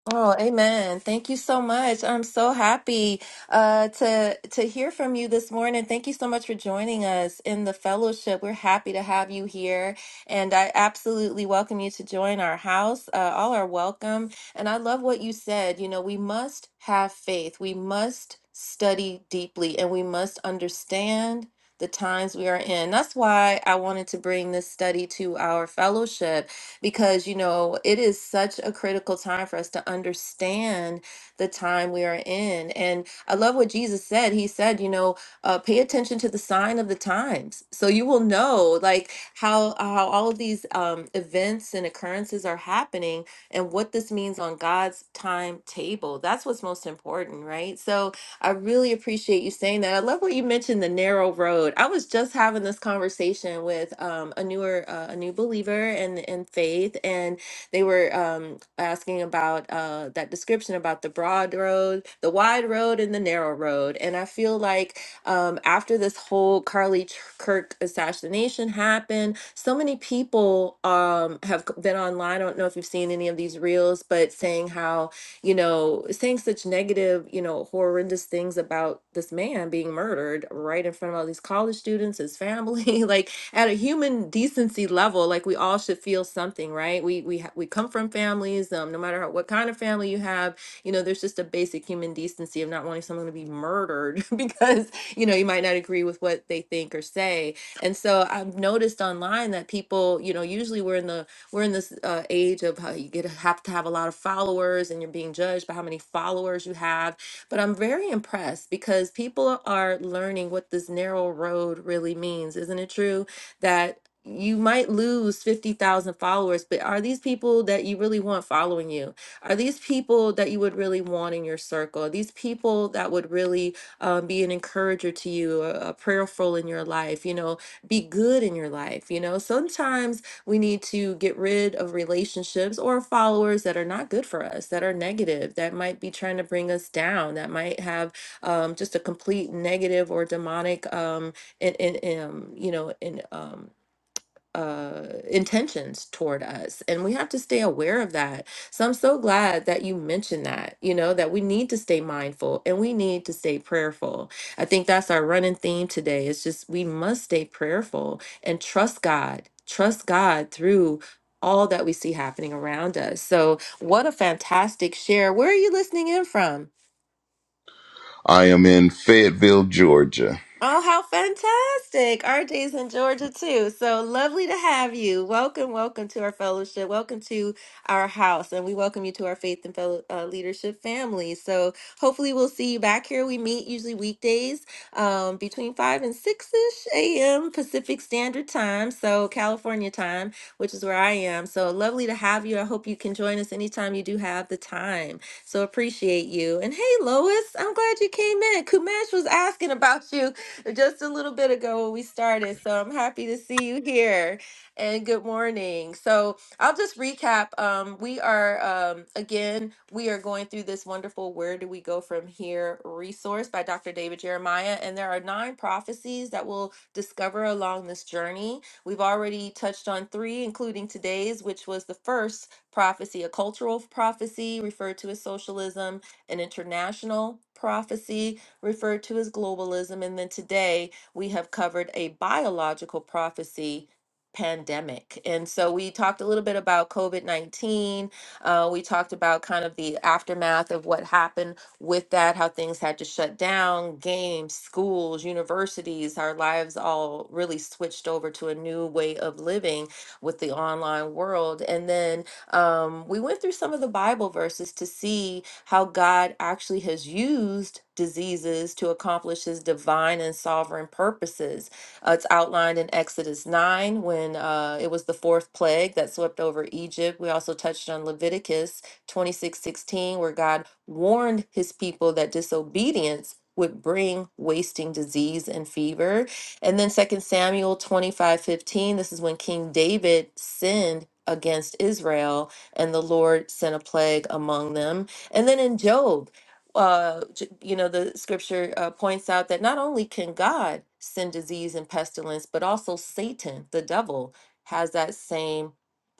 [SPEAKER 1] Oh, amen. Thank you so much. I'm so happy uh, to to hear from you this morning. Thank you so much for joining us in the fellowship. We're happy to have you here, and I absolutely welcome you to join our house. Uh, all are welcome. And I love what you said. You know, we must have faith. We must study deeply, and we must understand the times we are in. That's why I wanted to bring this study to our fellowship because you know it is such a critical time for us to understand the time we are in and i love what jesus said he said you know uh, pay attention to the sign of the times so you will know like how how all of these um, events and occurrences are happening and what this means on god's timetable that's what's most important right so I really appreciate you saying that. I love what you mentioned the narrow road. I was just having this conversation with um, a newer, uh, a new believer in in faith, and they were um, asking about uh, that description about the broad road, the wide road, and the narrow road. And I feel like um, after this whole Carly Ch- Kirk assassination happened, so many people um, have c- been online. I don't know if you've seen any of these reels, but saying how you know, saying such negative, you know, horrendous things about this man being murdered right in front of all these college students, his family, like at a human decency level, like we all should feel something, right? We we ha- we come from families, um, no matter how, what kind of family you have, you know, there's just a basic human decency of not wanting someone to be murdered because you know you might not agree with what they think or say. And so I've noticed online that people, you know, usually we're in the we're in this uh, age of how you get have to have a lot of followers and you're being judged by how many followers you have but i'm very impressed because people are learning what this narrow road really means isn't it true that you might lose 50,000 followers, but are these people that you really want following you? Are these people that you would really want in your circle? Are these people that would really um, be an encourager to you, a, a prayerful in your life, you know, be good in your life? You know, sometimes we need to get rid of relationships or followers that are not good for us, that are negative, that might be trying to bring us down, that might have um, just a complete negative or demonic, um, and, and, um, you know, and um, uh intentions toward us and we have to stay aware of that so i'm so glad that you mentioned that you know that we need to stay mindful and we need to stay prayerful i think that's our running theme today it's just we must stay prayerful and trust god trust god through all that we see happening around us so what a fantastic share where are you listening in from
[SPEAKER 6] I am in Fayetteville, Georgia.
[SPEAKER 1] Oh, how fantastic. RJ's in Georgia too. So lovely to have you. Welcome, welcome to our fellowship. Welcome to our house. And we welcome you to our faith and fellow uh, leadership family. So hopefully we'll see you back here. We meet usually weekdays um, between 5 and 6-ish a.m. Pacific Standard Time. So California time, which is where I am. So lovely to have you. I hope you can join us anytime you do have the time. So appreciate you. And hey, Lois, I'm glad you came in. Kumash was asking about you. just a little bit ago when we started. So I'm happy to see you here and good morning. So I'll just recap. Um, we are, um, again, we are going through this wonderful Where Do We Go From Here resource by Dr. David Jeremiah. And there are nine prophecies that we'll discover along this journey. We've already touched on three, including today's, which was the first prophecy, a cultural prophecy referred to as socialism, an international prophecy, referred to as globalism. And then today we have covered a biological prophecy pandemic. And so we talked a little bit about COVID 19. Uh, we talked about kind of the aftermath of what happened with that, how things had to shut down, games, schools, universities, our lives all really switched over to a new way of living with the online world. And then um, we went through some of the Bible verses to see how God actually has used diseases to accomplish his divine and sovereign purposes. Uh, it's outlined in Exodus 9 when uh, it was the fourth plague that swept over Egypt. We also touched on Leviticus 26 16 where God warned his people that disobedience would bring wasting disease and fever. And then Second Samuel 25 15. this is when King David sinned against Israel and the Lord sent a plague among them. And then in Job, uh, j- you know, the scripture uh, points out that not only can God send disease and pestilence, but also Satan, the devil, has that same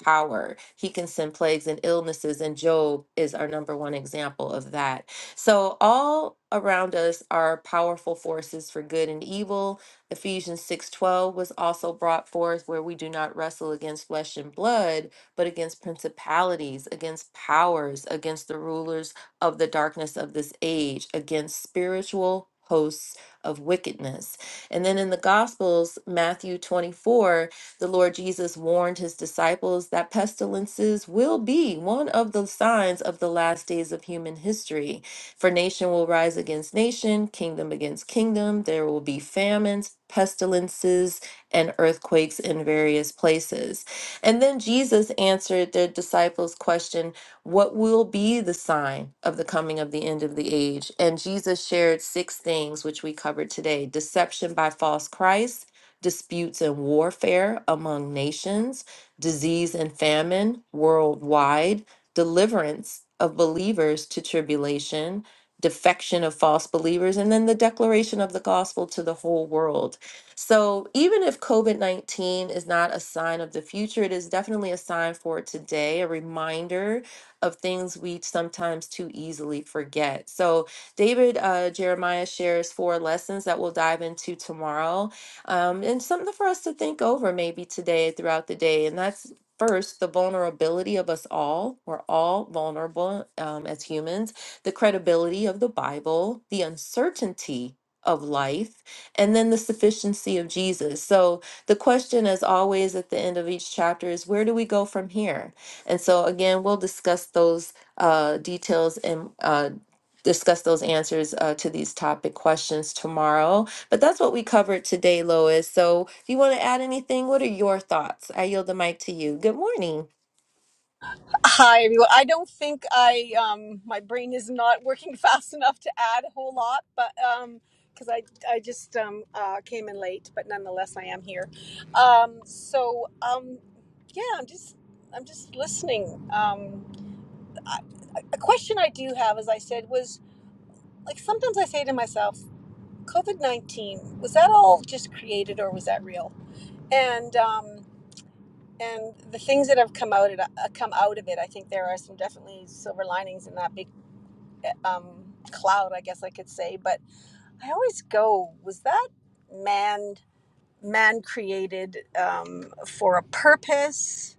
[SPEAKER 1] power. He can send plagues and illnesses, and Job is our number one example of that. So, all around us are powerful forces for good and evil Ephesians 6:12 was also brought forth where we do not wrestle against flesh and blood, but against principalities, against powers, against the rulers of the darkness of this age, against spiritual hosts of wickedness. And then in the Gospels, Matthew 24, the Lord Jesus warned his disciples that pestilences will be one of the signs of the last days of human history. For nation will rise against nation, kingdom against kingdom. There will be famines, pestilences, and earthquakes in various places. And then Jesus answered their disciples' question, What will be the sign of the coming of the end of the age? And Jesus shared six things, which we covered today deception by false Christ, disputes and warfare among nations, disease and famine worldwide, deliverance of believers to tribulation defection of false believers, and then the declaration of the gospel to the whole world. So, even if COVID 19 is not a sign of the future, it is definitely a sign for today, a reminder of things we sometimes too easily forget. So, David uh, Jeremiah shares four lessons that we'll dive into tomorrow, um, and something for us to think over maybe today throughout the day. And that's First, the vulnerability of us all. We're all vulnerable um, as humans the credibility of the Bible, the uncertainty of life, and then the sufficiency of Jesus. So, the question, as always, at the end of each chapter is where do we go from here? And so, again, we'll discuss those uh, details and uh, discuss those answers uh, to these topic questions tomorrow. But that's what we covered today, Lois. So, if you want to add anything, what are your thoughts? I yield the mic to you. Good morning.
[SPEAKER 7] Hi, everyone. I don't think I um, my brain is not working fast enough to add a whole lot, but um because I I just um, uh, came in late, but nonetheless I am here. Um, so um, yeah, I'm just I'm just listening. Um, I, a question I do have, as I said, was like sometimes I say to myself, COVID nineteen was that all just created or was that real? And um, and the things that have come out of uh, come out of it, I think there are some definitely silver linings in that big uh, um, cloud, I guess I could say. But I always go, was that man man created um, for a purpose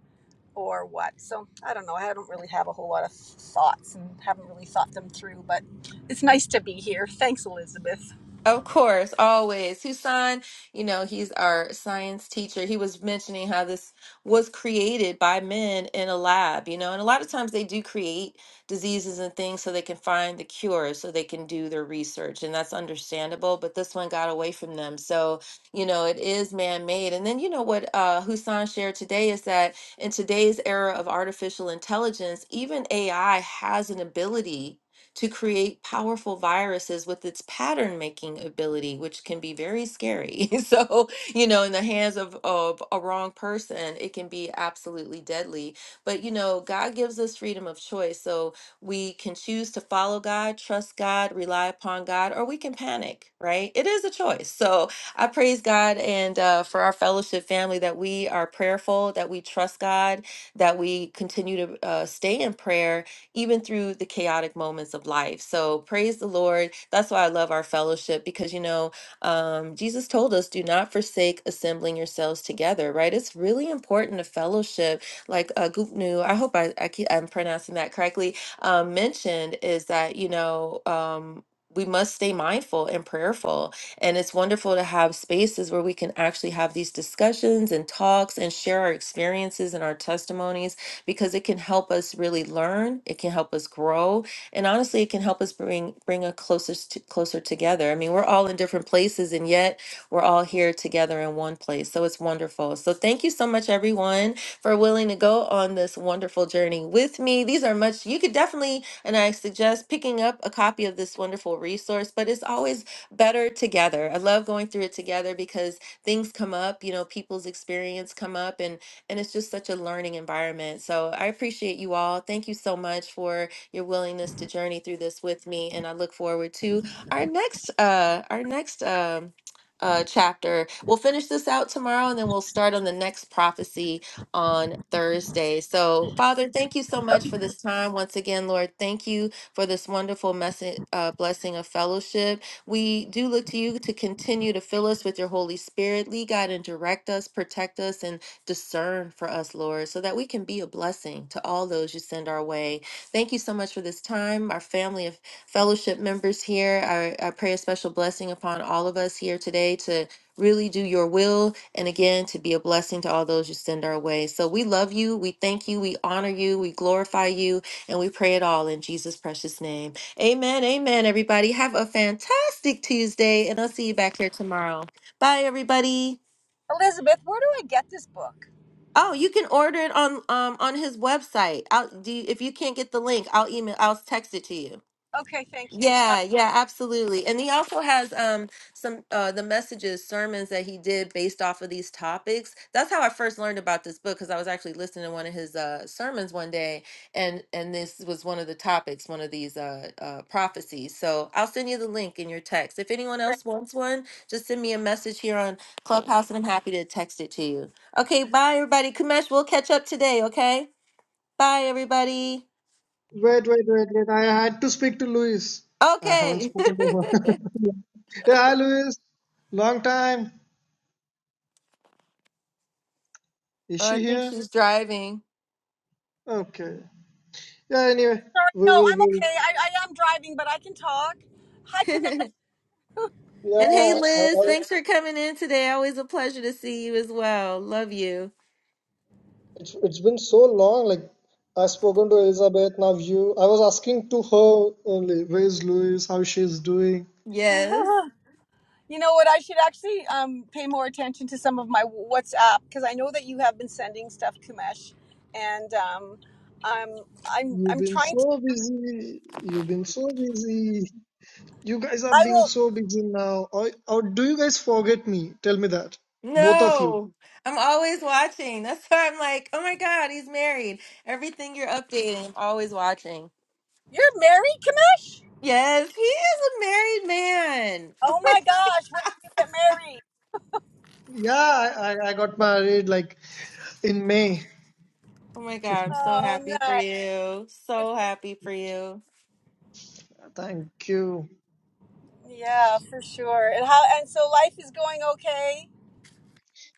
[SPEAKER 7] or what? So I don't know. I don't really have a whole lot of thoughts and haven't really thought them through. But it's nice to be here. Thanks, Elizabeth.
[SPEAKER 1] Of course, always. Husan, you know, he's our science teacher. He was mentioning how this was created by men in a lab, you know, and a lot of times they do create diseases and things so they can find the cure, so they can do their research, and that's understandable, but this one got away from them. So, you know, it is man-made. And then, you know, what uh, Husan shared today is that in today's era of artificial intelligence, even AI has an ability to create powerful viruses with its pattern making ability, which can be very scary. so, you know, in the hands of, of a wrong person, it can be absolutely deadly. But, you know, God gives us freedom of choice. So we can choose to follow God, trust God, rely upon God, or we can panic, right? It is a choice. So I praise God and uh, for our fellowship family that we are prayerful, that we trust God, that we continue to uh, stay in prayer even through the chaotic moments of life. So praise the Lord. That's why I love our fellowship because, you know, um, Jesus told us, do not forsake assembling yourselves together, right? It's really important to fellowship. Like uh, Gupnu, I hope I, I keep, I'm pronouncing that correctly, um, mentioned is that, you know, um, we must stay mindful and prayerful. And it's wonderful to have spaces where we can actually have these discussions and talks and share our experiences and our testimonies because it can help us really learn, it can help us grow, and honestly, it can help us bring bring us closer to, closer together. I mean, we're all in different places, and yet we're all here together in one place. So it's wonderful. So thank you so much, everyone, for willing to go on this wonderful journey with me. These are much you could definitely, and I suggest picking up a copy of this wonderful resource. But it's always better together. I love going through it together because things come up. You know, people's experience come up, and and it's just such a learning environment. So I appreciate you all. Thank you so much for your willingness to journey through this with me, and I look forward to our next uh, our next um, uh, chapter. We'll finish this out tomorrow, and then we'll start on the next prophecy on Thursday. So, Father, thank you so much for this time once again, Lord. Thank you for this wonderful message, uh, blessing of fellowship. We do look to you to continue to fill us with your Holy Spirit. Lead, God, and direct us, protect us, and discern for us, Lord, so that we can be a blessing to all those you send our way. Thank you so much for this time, our family of fellowship members here. I, I pray a special blessing upon all of us here today to really do your will and again to be a blessing to all those you send our way. So we love you, we thank you, we honor you, we glorify you, and we pray it all in Jesus' precious name. Amen. Amen, everybody. Have a fantastic Tuesday, and I'll see you back here tomorrow. Bye, everybody.
[SPEAKER 7] Elizabeth, where do I get this book?
[SPEAKER 1] Oh, you can order it on um on his website. I'll do you, if you can't get the link, I'll email I'll text it to you.
[SPEAKER 7] Okay, thank you. Uh,
[SPEAKER 1] Yeah, yeah, absolutely. And he also has um some uh the messages, sermons that he did based off of these topics. That's how I first learned about this book because I was actually listening to one of his uh sermons one day and and this was one of the topics, one of these uh uh prophecies. So I'll send you the link in your text. If anyone else wants one, just send me a message here on Clubhouse and I'm happy to text it to you. Okay, bye everybody. Kamesh, we'll catch up today, okay? Bye everybody.
[SPEAKER 2] wait wait wait wait i had to speak to luis i haven't
[SPEAKER 1] Okay.
[SPEAKER 2] spoken to her
[SPEAKER 1] oh,
[SPEAKER 2] yeah hi luis long time is
[SPEAKER 1] I
[SPEAKER 2] she
[SPEAKER 1] think
[SPEAKER 2] here
[SPEAKER 1] she's driving.
[SPEAKER 2] okay yeah anyway
[SPEAKER 7] Sorry,
[SPEAKER 2] we
[SPEAKER 7] no,
[SPEAKER 2] will
[SPEAKER 7] I'm
[SPEAKER 2] we
[SPEAKER 7] okay. I, I am driving, but I can talk. Hi,
[SPEAKER 1] and
[SPEAKER 2] Yeah,
[SPEAKER 1] hey,
[SPEAKER 2] I,
[SPEAKER 1] Liz,
[SPEAKER 2] I,
[SPEAKER 1] thanks for coming in today. Always a pleasure to see you as well. Love you.
[SPEAKER 2] it's it's been so long. Like I've spoken to Elizabeth, now you. I was asking to her only, where's Louis? How she's doing?
[SPEAKER 1] Yes.
[SPEAKER 7] Commander. you know what? I should actually um, pay more attention to some of my WhatsApp because I know that you have been sending stuff, Kumesh, and um, I'm I'm
[SPEAKER 2] You've
[SPEAKER 7] I'm
[SPEAKER 2] been
[SPEAKER 7] trying to.
[SPEAKER 2] so busy. You've been so busy. You guys are
[SPEAKER 7] I
[SPEAKER 2] being
[SPEAKER 7] will.
[SPEAKER 2] so busy now. Or, or do you guys forget me? Tell me that, both of you.
[SPEAKER 1] No, I'm always watching. That's why I'm like, oh my God, he's married. Everything you're updating, I'm always watching.
[SPEAKER 7] You're married, Kumesh?
[SPEAKER 1] Yes, he is a married man.
[SPEAKER 7] Oh my gosh! When did you get married?
[SPEAKER 2] Yeah, I, I, I got married like in May.
[SPEAKER 1] Oh my God, I'm so
[SPEAKER 7] Oh,
[SPEAKER 1] happy for
[SPEAKER 7] nice.
[SPEAKER 1] you.
[SPEAKER 7] Good
[SPEAKER 1] So happy
[SPEAKER 7] for
[SPEAKER 1] for you.
[SPEAKER 2] Thank you.
[SPEAKER 7] you. Yeah, for sure. And how? And so life is going okay.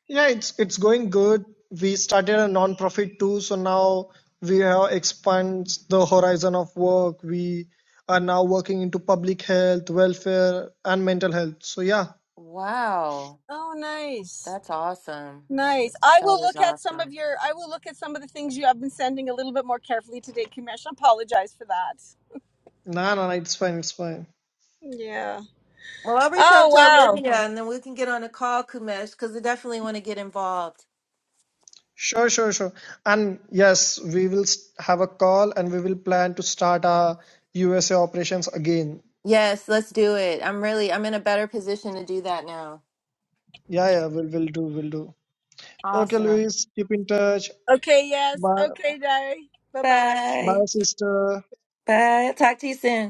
[SPEAKER 2] Yeah, it's it's going good. We started a non-profit too, so now we have expanded the horizon of work. We are now working into public health, welfare, and mental health. So yeah,
[SPEAKER 1] Wow,
[SPEAKER 7] Oh, nice.
[SPEAKER 1] that's awesome.
[SPEAKER 7] Nice. I
[SPEAKER 1] That
[SPEAKER 7] will
[SPEAKER 1] is
[SPEAKER 7] look at some
[SPEAKER 1] awesome.
[SPEAKER 7] of your. I will look at some of the things you have been sending a little bit more carefully today, Kimesh. I apologize for that.
[SPEAKER 2] no, no, no, it's fine, it's fine.
[SPEAKER 7] Yeah.
[SPEAKER 1] Well, I'll reach
[SPEAKER 7] Oh
[SPEAKER 1] out to
[SPEAKER 7] wow.
[SPEAKER 1] Olivia and then we can get on a call, Kumesh, because I definitely want to get involved.
[SPEAKER 2] Sure, sure, sure. And yes, we will s- have a call, and we will plan to start our USA operations again.
[SPEAKER 1] Yes, let's do it. I'm really, I'm in a better position to do that now.
[SPEAKER 2] Yeah, yeah, we'll we'll do, we'll do. Okay,
[SPEAKER 1] Awesome.
[SPEAKER 2] Luis, keep in touch.
[SPEAKER 7] Okay. Yes.
[SPEAKER 2] Bye,
[SPEAKER 7] Okay, Day. Bye bye.
[SPEAKER 1] Bye.
[SPEAKER 2] bye, sister.
[SPEAKER 1] Bye. Talk to you soon.